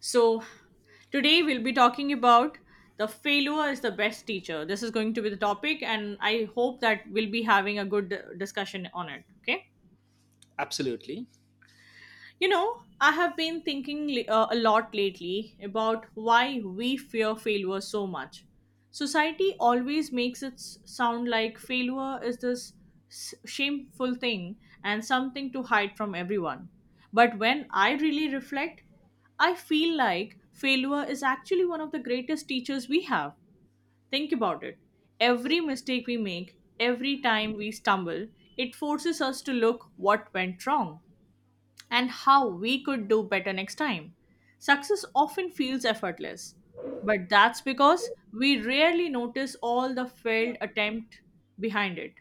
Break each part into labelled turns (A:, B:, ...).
A: So, today we'll be talking about the failure is the best teacher. This is going to be the topic, and I hope that we'll be having a good discussion on it. Okay.
B: Absolutely.
A: You know, I have been thinking a lot lately about why we fear failure so much. Society always makes it sound like failure is this shameful thing and something to hide from everyone. But when I really reflect, I feel like failure is actually one of the greatest teachers we have. Think about it. Every mistake we make, every time we stumble, it forces us to look what went wrong and how we could do better next time. Success often feels effortless, but that's because we rarely notice all the failed attempt behind it.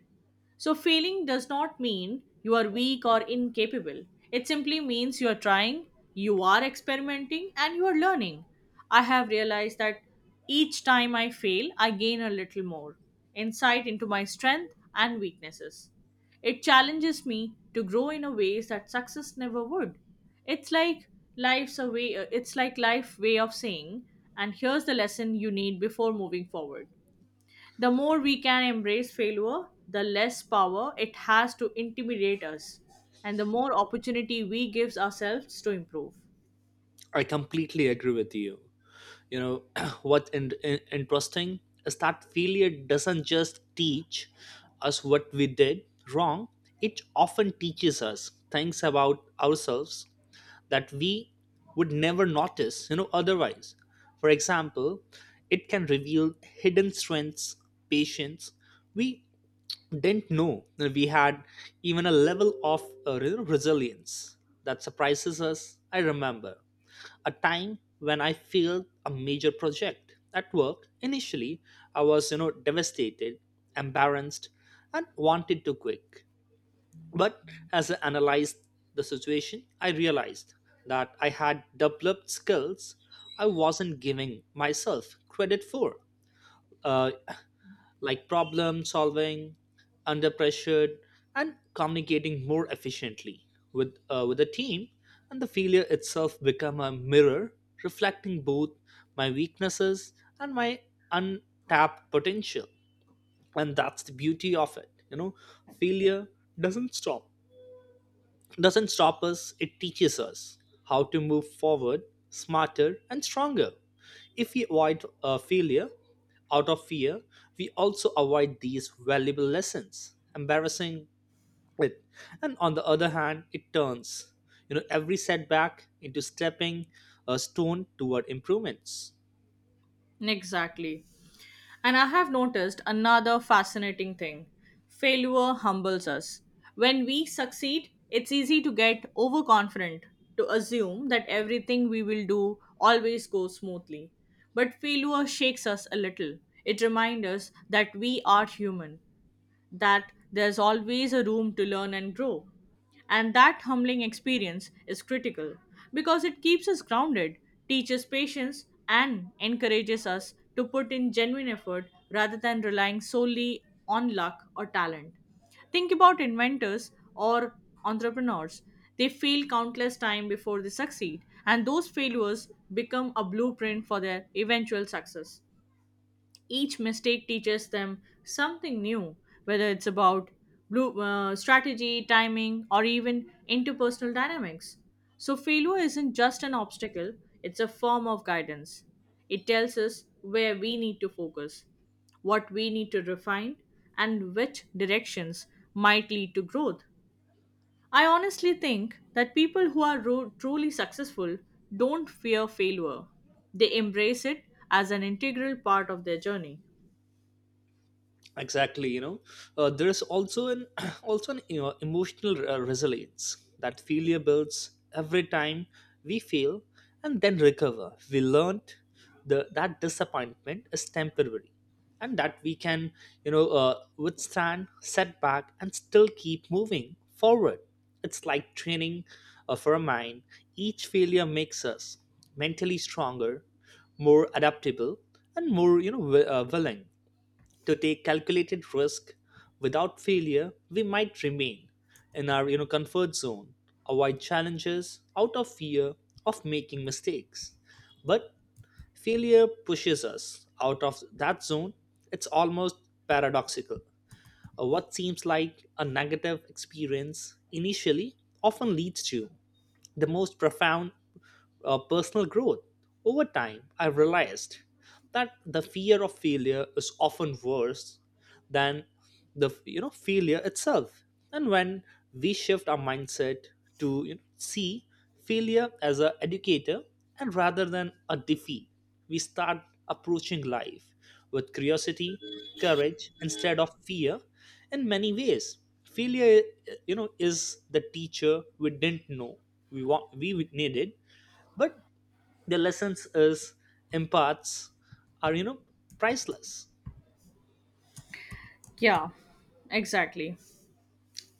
A: So, failing does not mean you are weak or incapable. It simply means you are trying, you are experimenting, and you are learning. I have realized that each time I fail, I gain a little more insight into my strength and weaknesses. It challenges me to grow in a ways that success never would. It's like it's like life way of saying and here's the lesson you need before moving forward. The more we can embrace failure, the less power it has to intimidate us and the more opportunity we gives ourselves to improve.
B: I completely agree with you. You know, what interesting is that failure doesn't just teach us what we did wrong, it often teaches us things about ourselves that we would never notice, you know, otherwise. For example, it can reveal hidden strengths, patience we didn't know that we had, even a level of resilience that surprises us. I remember a time when I failed a major project at work. Initially, I was, you know, devastated, embarrassed, and wanted to quit. But as I analyzed the situation, I realized that I had developed skills I wasn't giving myself credit for. Uh, like problem solving, under pressure, and communicating more efficiently with a team. And the failure itself become a mirror reflecting both my weaknesses and my untapped potential. And that's the beauty of it. You know, failure doesn't stop doesn't stop us, it teaches us how to move forward smarter and stronger. If we avoid failure out of fear, we also avoid these valuable lessons, embarrassing it. And on the other hand, it turns, you know, every setback into stepping a stone toward improvements.
A: Exactly. And I have noticed another fascinating thing failure humbles us. When we succeed, it's easy to get overconfident, to assume that everything we will do always goes smoothly. But failure shakes us a little. It reminds us that we are human that there's always a room to learn and grow. And that humbling experience is critical because it keeps us grounded, teaches patience, and encourages us to put in genuine effort rather than relying solely on luck or talent. Think about inventors or entrepreneurs. They fail countless times before they succeed, and those failures become a blueprint for their eventual success. Each mistake teaches them something new, whether it's about strategy, timing, or even interpersonal dynamics. So, failure isn't just an obstacle, it's a form of guidance. It tells us where we need to focus, what we need to refine, and which directions might lead to growth. I honestly think that people who are truly successful don't fear failure, they embrace it as an integral part of their journey.
B: Exactly. You know, there is also an also an you know, emotional resilience that failure builds. Every time we fail and then recover, we learned that disappointment is temporary and that we can, you know, withstand setback and still keep moving forward. It's like training for a mind. Each failure makes us mentally stronger, more adaptable, and more, you know, willing to take calculated risk. Without failure we might remain in our, you know, comfort zone, avoid challenges out of fear of making mistakes. But failure pushes us out of that zone. It's almost paradoxical. What seems like a negative experience initially often leads to the most profound personal growth. Over time, I realized that the fear of failure is often worse than the, you know, failure itself. And when we shift our mindset to, you know, see failure as an educator and rather than a defeat, we start approaching life with curiosity, courage instead of fear. In many ways, failure, you know, is the teacher we didn't know we needed, but the lessons is imparts are, you know, priceless.
A: Yeah, exactly.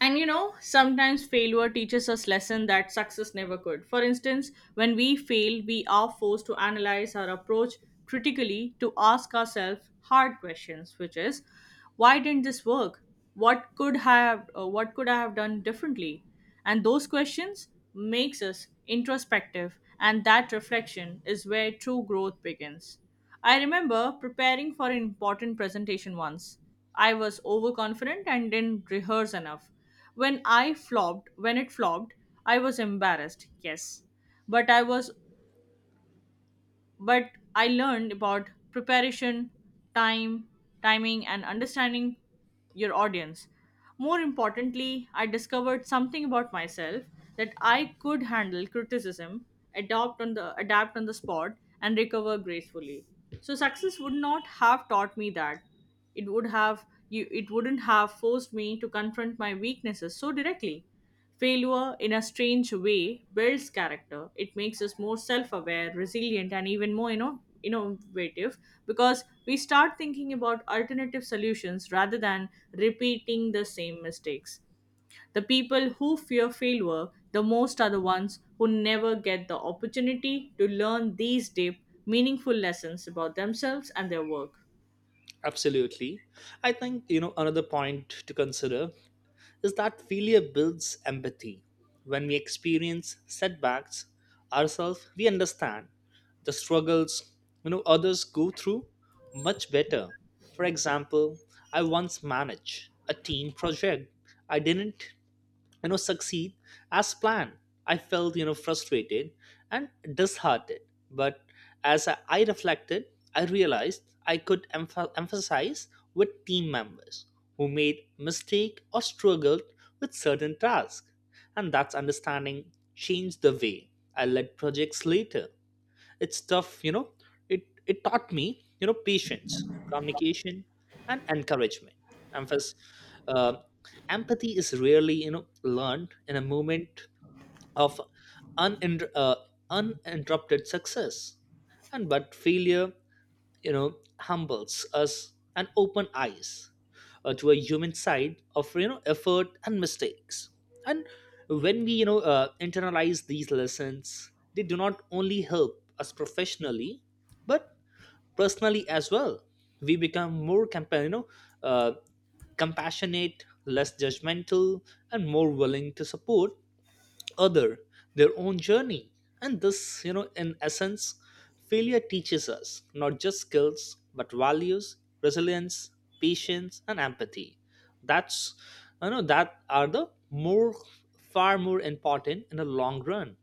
A: And you know, sometimes failure teaches us lesson that success never could. For instance, when we fail, we are forced to analyze our approach critically to ask ourselves hard questions, which is, why didn't this work? What could I have done differently? And those questions makes us introspective and that reflection is where true growth begins. I remember preparing for an important presentation once. I was overconfident and didn't rehearse enough. When it flopped, I was embarrassed, yes, but I was but I learned about preparation, time, timing, and understanding your audience. More importantly, I discovered something about myself that I could handle criticism, adopt on the adapt on the spot, and recover gracefully. So success would not have taught me that. It wouldn't have forced me to confront my weaknesses so directly. Failure, in a strange way, builds character. It makes us more self-aware, resilient, and even more, you know, innovative because we start thinking about alternative solutions rather than repeating the same mistakes. The people who fear failure the most are the ones who never get the opportunity to learn these deep, meaningful lessons about themselves and their work.
B: Absolutely. I think, you know, another point to consider is that failure builds empathy. When we experience setbacks ourselves, we understand the struggles, you know, others go through much better. For example, I once managed a team project I didn't, you know, succeed as planned. I felt, you know, frustrated and disheartened. But as I reflected, I realized I could emphasize with team members who made mistake or struggled with certain tasks. And that's understanding changed the way I led projects later. It's tough, you know. it it taught me, you know, patience, communication, and encouragement. Emphasis, uh, empathy is rarely, you know, learned in a moment of uninter- uh, uninterrupted success. And but failure, you know, humbles us and open eyes to a human side of, you know, effort and mistakes. And when we, you know, internalize these lessons, they do not only help us professionally, but personally as well. We become more you know, uh, compassionate, less judgmental, and more willing to support other their own journey. And this, you know, in essence, failure teaches us not just skills, but values: resilience, patience, and empathy. That's, you know, that are the more far more important in the long run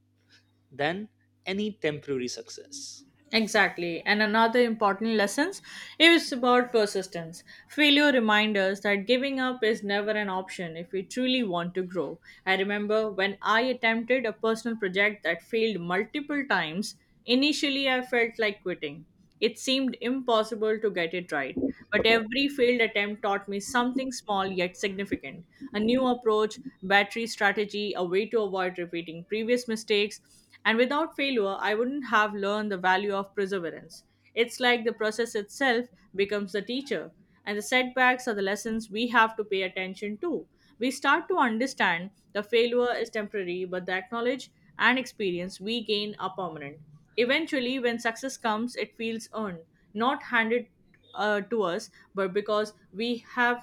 B: than any temporary success.
A: Exactly. And another important lesson is about persistence. Failure reminds us that giving up is never an option if we truly want to grow. I remember when I attempted a personal project that failed multiple times, initially I felt like quitting. It seemed impossible to get it right. But every failed attempt taught me something small yet significant a new approach, battery strategy, a way to avoid repeating previous mistakes. And without failure, I wouldn't have learned the value of perseverance. It's like the process itself becomes the teacher, and the setbacks are the lessons we have to pay attention to. We start to understand the failure is temporary, but the knowledge and experience we gain are permanent. Eventually, when success comes, it feels earned, not handed to us, but because we have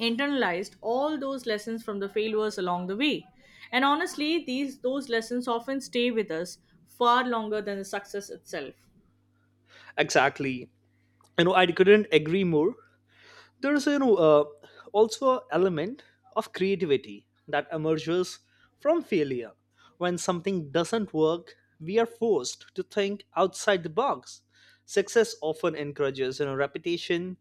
A: internalized all those lessons from the failures along the way. And honestly, these those lessons often stay with us far longer than the success itself.
B: Exactly. You know, I couldn't agree more. There is, you know, also an element of creativity that emerges from failure. When something doesn't work, we are forced to think outside the box. Success often encourages, you know, repetition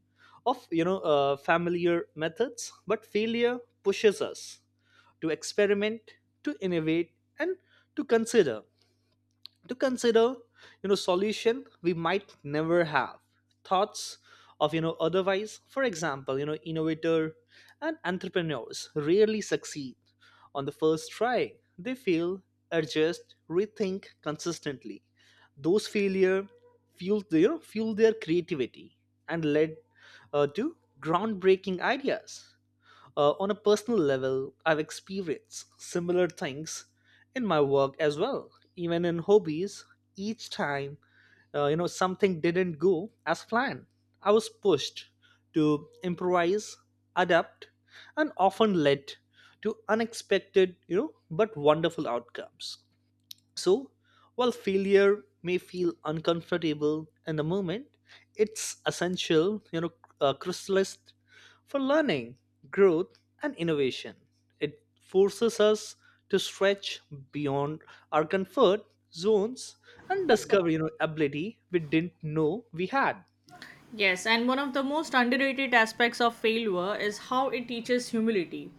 B: of, you know, familiar methods, but failure pushes us to experiment, to innovate, and to consider to consider, you know, solution we might never have thoughts of, you know, otherwise. For example, you know, innovator and entrepreneurs rarely succeed on the first try. They fail, adjust, rethink consistently. Those failure fuel their creativity and led to groundbreaking ideas. On a personal level, I've experienced similar things in my work as well, even in hobbies. Each time, you know, something didn't go as planned, I was pushed to improvise, adapt, and often led to unexpected, you know, but wonderful outcomes. So, while failure may feel uncomfortable in the moment, it's essential, you know, chrysalis for learning, growth, and innovation. It forces us to stretch beyond our comfort zones and discover, you know, ability we didn't know we had.
A: Yes, and one of the most underrated aspects of failure is how it teaches humility.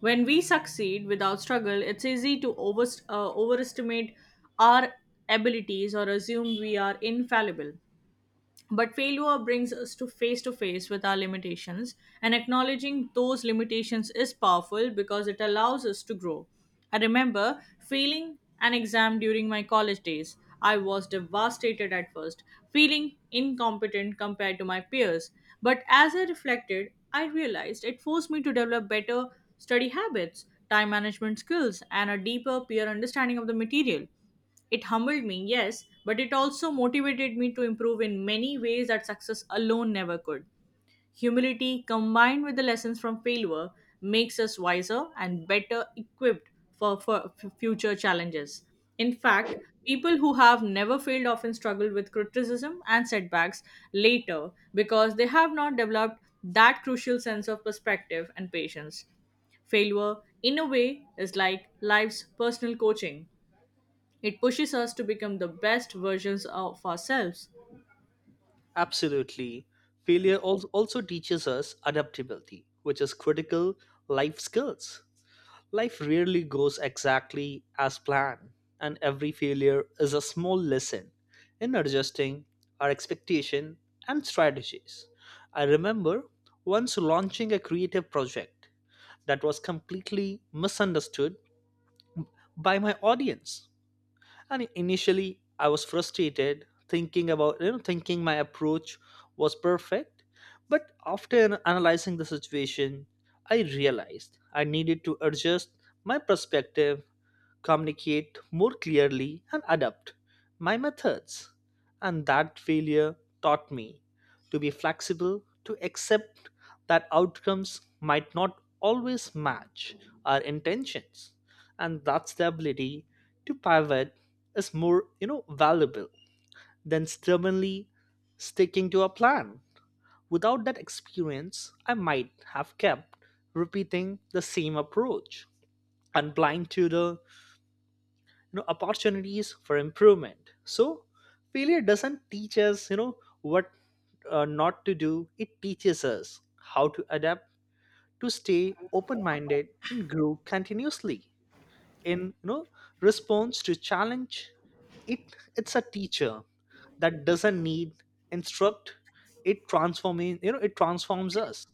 A: When we succeed without struggle, it's easy to overestimate our abilities or assume we are infallible. But failure brings us to face with our limitations, and acknowledging those limitations is powerful because it allows us to grow. I remember failing an exam during my college days. I was devastated at first, feeling incompetent compared to my peers. But as I reflected, I realized it forced me to develop better study habits, time management skills, and a deeper peer understanding of the material. It humbled me, yes, but it also motivated me to improve in many ways that success alone never could. Humility, combined with the lessons from failure, makes us wiser and better equipped for future challenges. In fact, people who have never failed often struggle with criticism and setbacks later because they have not developed that crucial sense of perspective and patience. Failure, in a way, is like life's personal coaching. It pushes us to become the best versions of ourselves.
B: Absolutely. Failure also teaches us adaptability, which is critical life skills. Life rarely goes exactly as planned, and every failure is a small lesson in adjusting our expectation and strategies. I remember once launching a creative project that was completely misunderstood by my audience. And initially I was frustrated, thinking about, you know, thinking my approach was perfect. But after analyzing the situation, I realized I needed to adjust my perspective, communicate more clearly, and adapt my methods. And that failure taught me to be flexible, to accept that outcomes might not always match our intentions. And that's the ability to pivot is more, you know, valuable than stubbornly sticking to a plan. Without that experience I might have kept repeating the same approach and blind to the, you know, opportunities for improvement. So failure doesn't teach us, you know, what not to do, it teaches us how to adapt, to stay open minded and grow continuously in, you know, response to challenge. It's a teacher that doesn't need instruct. It transforming, you know, it transforms us.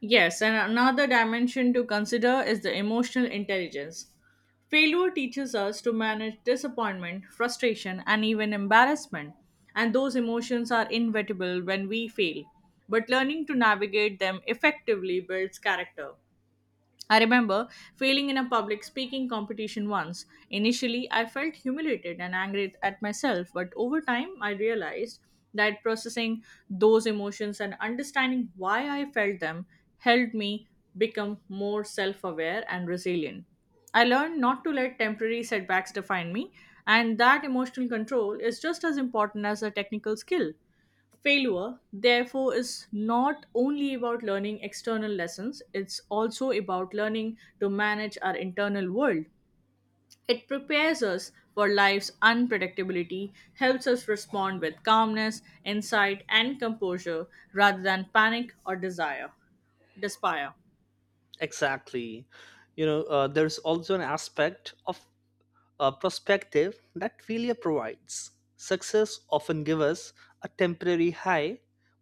A: Yes, and another dimension to consider is the emotional intelligence. Failure teaches us to manage disappointment, frustration, and even embarrassment, and those emotions are inevitable when we fail. But learning to navigate them effectively builds character. I remember failing in a public speaking competition once. Initially, I felt humiliated and angry at myself, but over time, I realized that processing those emotions and understanding why I felt them helped me become more self aware and resilient. I learned not to let temporary setbacks define me, and that emotional control is just as important as a technical skill. Failure, therefore, is not only about learning external lessons, it's also about learning to manage our internal world. It prepares us for life's unpredictability, helps us respond with calmness, insight, and composure rather than panic or desire, despair.
B: Exactly. You know, there's also an aspect of perspective that failure provides. Success often gives us a temporary high,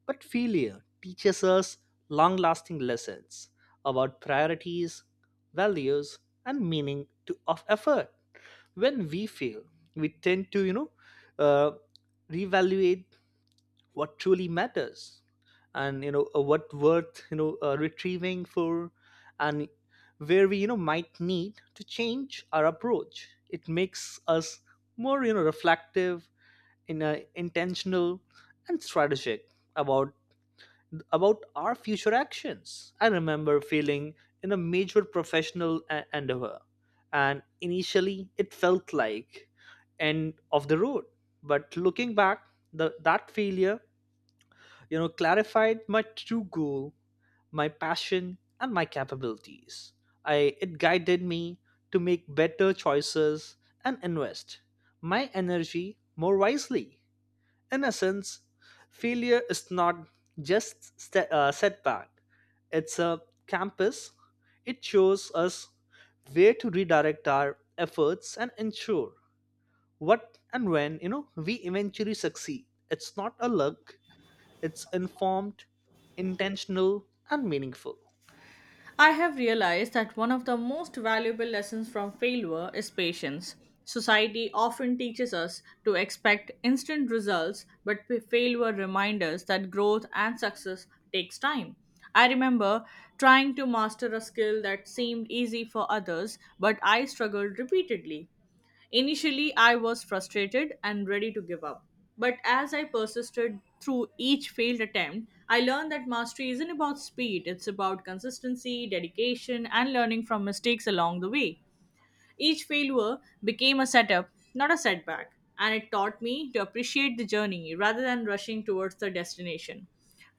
B: but failure teaches us long lasting lessons about priorities, values, and meaning to, of effort. When we fail, we tend to, you know, uh, reevaluate what truly matters, and, you know, what worth, you know, retrieving for, and where we, you know, might need to change our approach. It makes us more, you know, reflective in a intentional and strategic about our future actions. I remember feeling in a major professional endeavor, and initially it felt like end of the road. But looking back, that failure, you know, clarified my true goal, my passion, and my capabilities. I It guided me to make better choices and invest my energy more wisely. In essence, failure is not just setback; it's a campus. It shows us where to redirect our efforts and ensure what and when, you know, we eventually succeed. It's not a luck; it's informed, intentional, and meaningful.
A: I have realized that one of the most valuable lessons from failure is patience. Society often teaches us to expect instant results, but failure reminds us that growth and success takes time. I remember trying to master a skill that seemed easy for others, but I struggled repeatedly. Initially, I was frustrated and ready to give up. But as I persisted through each failed attempt, I learned that mastery isn't about speed, it's about consistency, dedication, and learning from mistakes along the way. Each failure became a setup, not a setback, and it taught me to appreciate the journey rather than rushing towards the destination.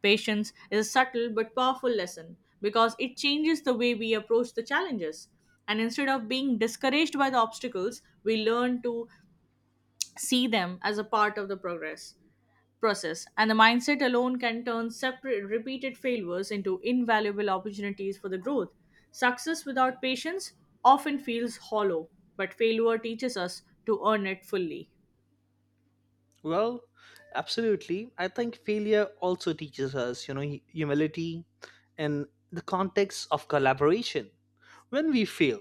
A: Patience is a subtle but powerful lesson because it changes the way we approach the challenges. And instead of being discouraged by the obstacles, we learn to see them as a part of the progress process, and the mindset alone can turn separate repeated failures into invaluable opportunities for the growth. Success without patience often feels hollow, but failure teaches us to earn it fully.
B: Well, absolutely. I think failure also teaches us, you know, humility in the context of collaboration. When we fail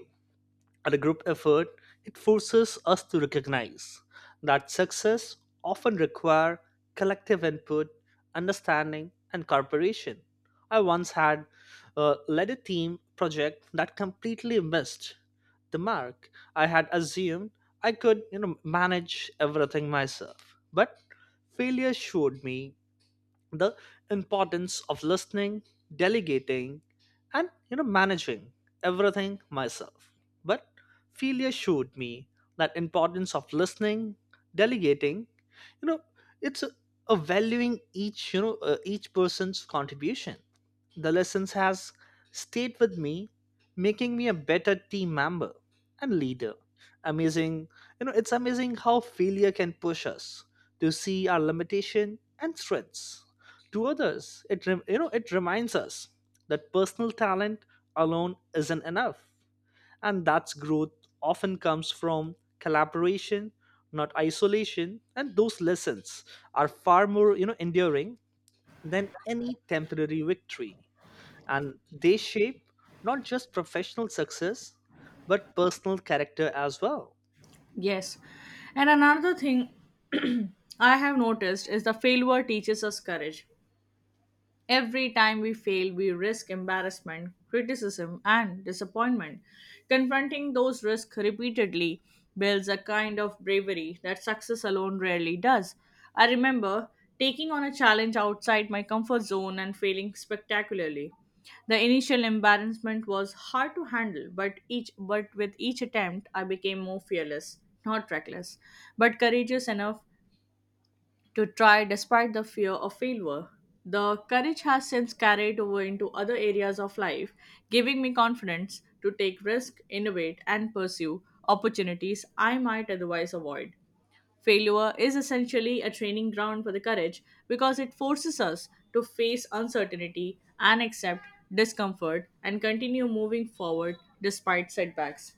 B: at a group effort, it forces us to recognize that success often require collective input, understanding, and cooperation. I once had led a team project that completely missed the mark. I had assumed I could, you know, manage everything myself, but failure showed me the importance of listening, delegating, and, you know, managing everything myself, but failure showed me that importance of listening, delegating, you know, it's a valuing each, you know, each person's contribution. The lessons has stayed with me, making me a better team member and leader. Amazing, you know, it's amazing how failure can push us to see our limitation and strengths to others. You know, it reminds us that personal talent alone isn't enough, and that's growth often comes from collaboration, not isolation. And those lessons are far more, you know, enduring than any temporary victory, and they shape not just professional success but personal character as well.
A: Yes. And another thing I have noticed is the failure teaches us courage. Every time we fail, we risk embarrassment, criticism, and disappointment. Confronting those risks repeatedly builds a kind of bravery that success alone rarely does. I remember taking on a challenge outside my comfort zone and failing spectacularly. The initial embarrassment was hard to handle, but with each attempt I became more fearless, not reckless, but courageous enough to try despite the fear of failure. The courage has since carried over into other areas of life, giving me confidence to take risks, innovate, and pursue opportunities I might otherwise avoid. Failure is essentially a training ground for the courage because it forces us to face uncertainty and accept discomfort and continue moving forward despite setbacks.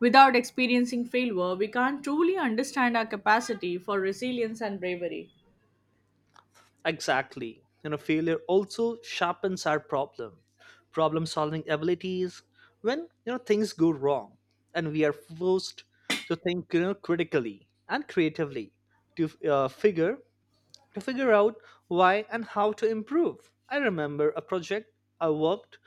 A: Without experiencing failure, we can't truly understand our capacity for resilience and bravery.
B: Exactly. You know, failure also sharpens our problem solving abilities when, you know, things go wrong and we are forced to think, you know, critically and creatively to figure to figure out why and how to improve. I remember a project I worked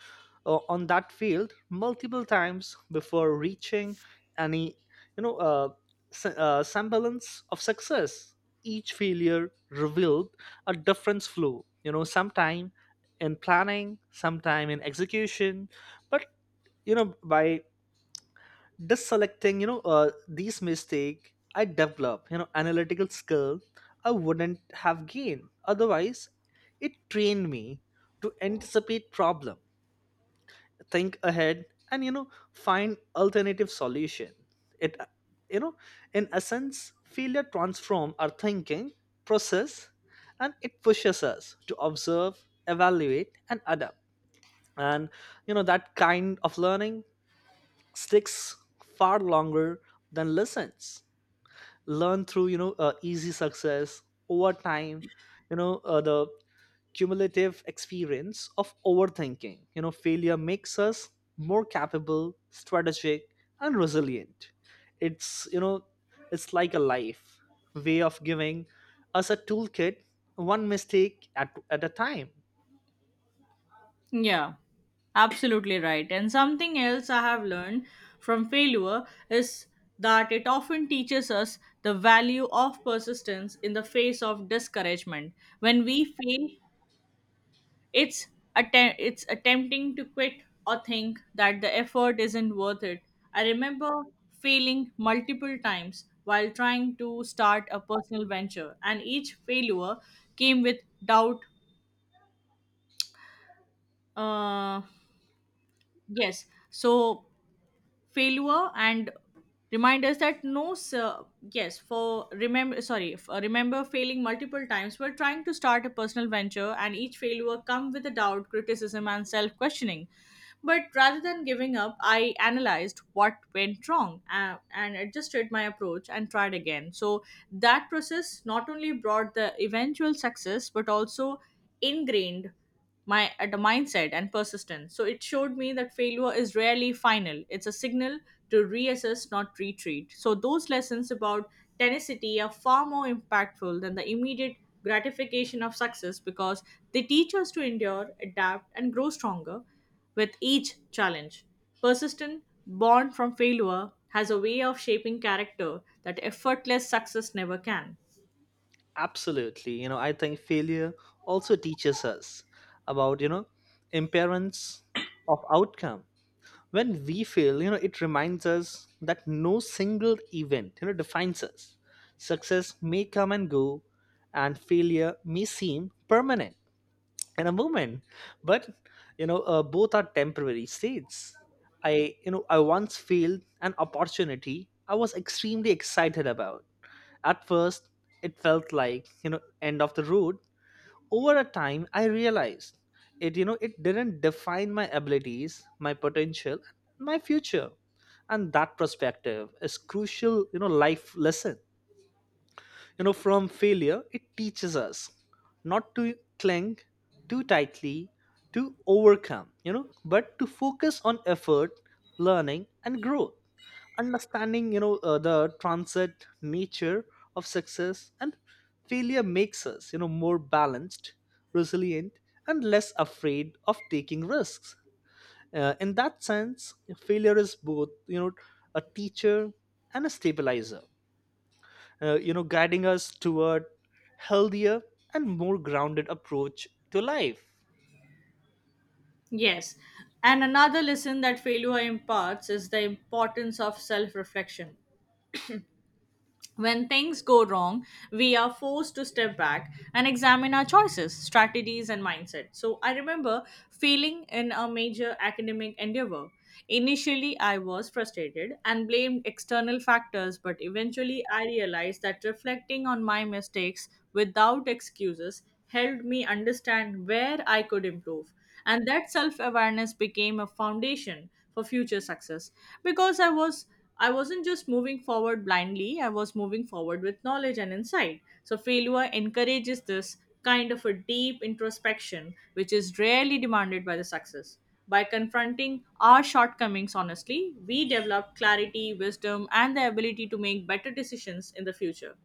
B: on that field multiple times before reaching any, you know, semblance of success. Each failure revealed a different flaw. Sometime in planning, sometime in execution, but by deselecting these mistake I develop analytical skill I wouldn't have gained otherwise. It trained me to anticipate problem, think ahead, and find alternative solution. It you know in essence, failure transform our thinking process, and it pushes us to observe, evaluate, and adapt. And that kind of learning sticks far longer than lessons learn through easy success. Over time, the cumulative experience of overthinking failure makes us more capable, strategic, and resilient. It's you know it's like a life way of giving us a toolkit, one mistake at a time.
A: Yeah, absolutely right. And something else I have learned from failure is that it often teaches us the value of persistence in the face of discouragement. When we fail, it's it's attempting to quit or think that the effort isn't worth it. I remember failing multiple times while trying to start a personal venture, and each failure came with doubt, uh yes, so failure and remind us that no sir, yes for remember sorry for remember failing multiple times while trying to start a personal venture and each failure come with a doubt, criticism and self questioning. But rather than giving up I analyzed what went wrong, and adjusted my approach and tried again. So that process not only brought the eventual success but also ingrained my at the mindset and persistence. So it showed me that failure is rarely final. It's a signal to reassess, not retreat. So those lessons about tenacity are far more impactful than the immediate gratification of success because they teach us to endure, adapt, and grow stronger with each challenge. Persistent, born from failure, has a way of shaping character that effortless success never can.
B: Absolutely. I think failure also teaches us about impermanence of outcome. When we fail, it reminds us that no single event defines us. Success may come and go, and failure may seem permanent in a moment, but, both are temporary states. I once failed an opportunity I was extremely excited about. At first, it felt like end of the road. Over a time, I realized it didn't define my abilities, my potential, my future. And that perspective is crucial, life lesson from failure. It teaches us not to cling too tightly to overcome, but to focus on effort, learning, and growth. Understanding the transit nature of success and failure makes us more balanced, resilient, and less afraid of taking risks. In that sense, failure is both a teacher and a stabilizer, guiding us toward healthier and more grounded approach to life.
A: Yes. And another lesson that failure imparts is the importance of self reflection. When things go wrong, we are forced to step back and examine our choices, strategies, and mindset. So I remember failing in a major academic endeavor. Initially, I was frustrated and blamed external factors, but eventually, I realized that reflecting on my mistakes without excuses helped me understand where I could improve. And that self awareness became a foundation for future success because I wasn't just moving forward blindly, I was moving forward with knowledge and insight. So, failure encourages this kind of a deep introspection, which is rarely demanded by the success. By confronting our shortcomings honestly, we develop clarity, wisdom, and the ability to make better decisions in the future.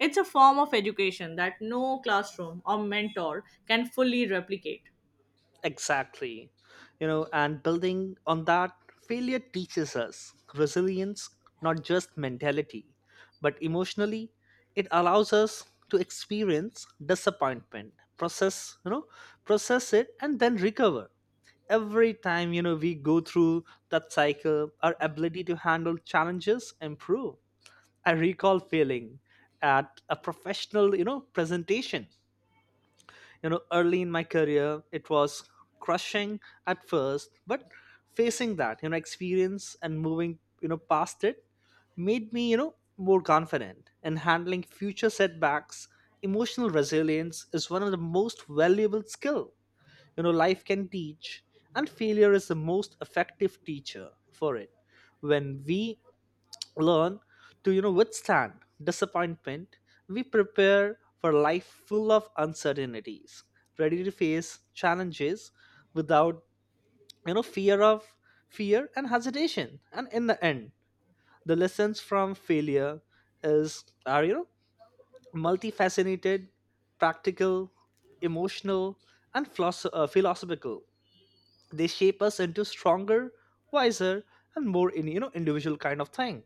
A: It's a form of education that no classroom or mentor can fully replicate.
B: Exactly. And building on that, failure teaches us resilience, not just mentality but emotionally. It allows us to experience disappointment, process you know process it, and then recover. Every time we go through that cycle, our ability to handle challenges improve. I recall failing at a professional, presentation. Early in my career, it was crushing at first, but facing that, experience and moving, past it made me, more confident in handling future setbacks. Emotional resilience is one of the most valuable skill, life can teach, and failure is the most effective teacher for it. When we learn to withstand disappointment, we prepare for life full of uncertainties, ready to face challenges without fear of fear and hesitation. And in the end, the lessons from failure is are multifaceted, practical, emotional, and philosophical. They shape us into stronger, wiser, and more in you know individual kind of thing.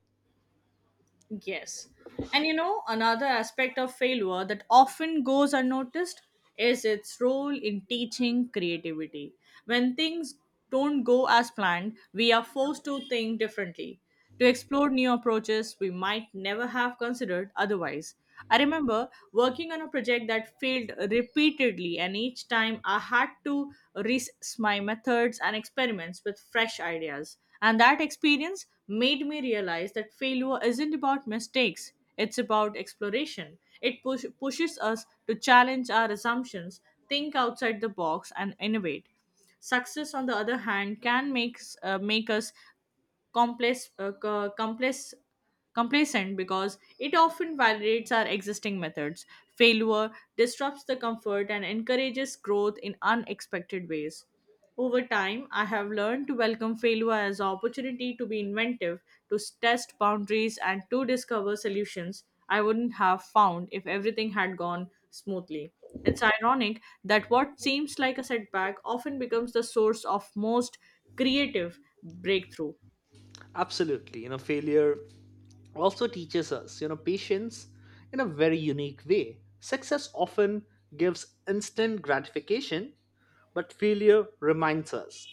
A: Yes. And you know, another aspect of failure that often goes unnoticed is its role in teaching creativity. When things don't go as planned, we are forced to think differently, to explore new approaches we might never have considered otherwise. I remember working on a project that failed repeatedly, and each time I had to risk my methods and experiments with fresh ideas. And that experience made me realize that failure isn't about mistakes, it's about exploration. Pushes us to challenge our assumptions, think outside the box, and innovate. Success, on the other hand, can make us complex, uh, co- complex, complacent because it often validates our existing methods. Failure disrupts the comfort and encourages growth in unexpected ways. Over time, I have learned to welcome failure as an opportunity to be inventive, to test boundaries, and to discover solutions I wouldn't have found if everything had gone smoothly. It's ironic that what seems like a setback often becomes the source of most creative breakthrough.
B: Absolutely. Failure also teaches us patience in a very unique way. Success often gives instant gratification, but failure reminds us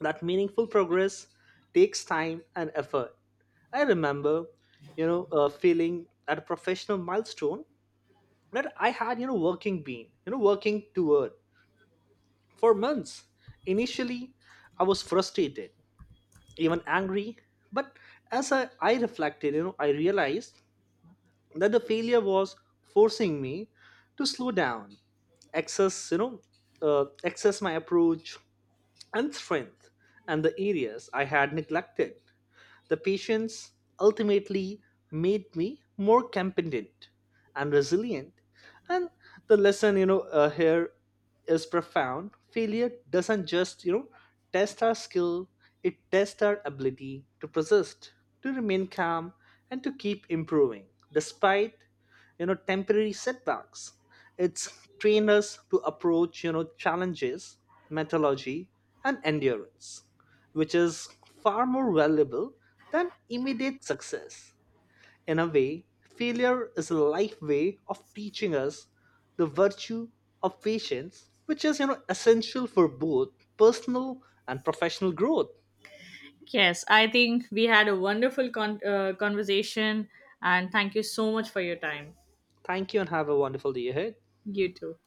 B: that meaningful progress takes time and effort. I remember feeling at a professional milestone that I had working been you know working toward for months. Initially, I was frustrated, even angry, but as I reflected, I realized that the failure was forcing me to slow down, access you know access my approach and strength, and the areas I had neglected. The patience ultimately made me more competent and resilient. And the lesson, here is profound. Failure doesn't just, test our skill, it tests our ability to persist, to remain calm, and to keep improving despite, temporary setbacks. It's trained us to approach, challenges, methodology, and endurance, which is far more valuable than immediate success. In a way, failure is a life way of teaching us the virtue of patience, which is essential for both personal and professional growth.
A: Yes, I think we had a wonderful conversation, and thank you so much for your time.
B: Thank you, and have a wonderful day ahead.
A: You too.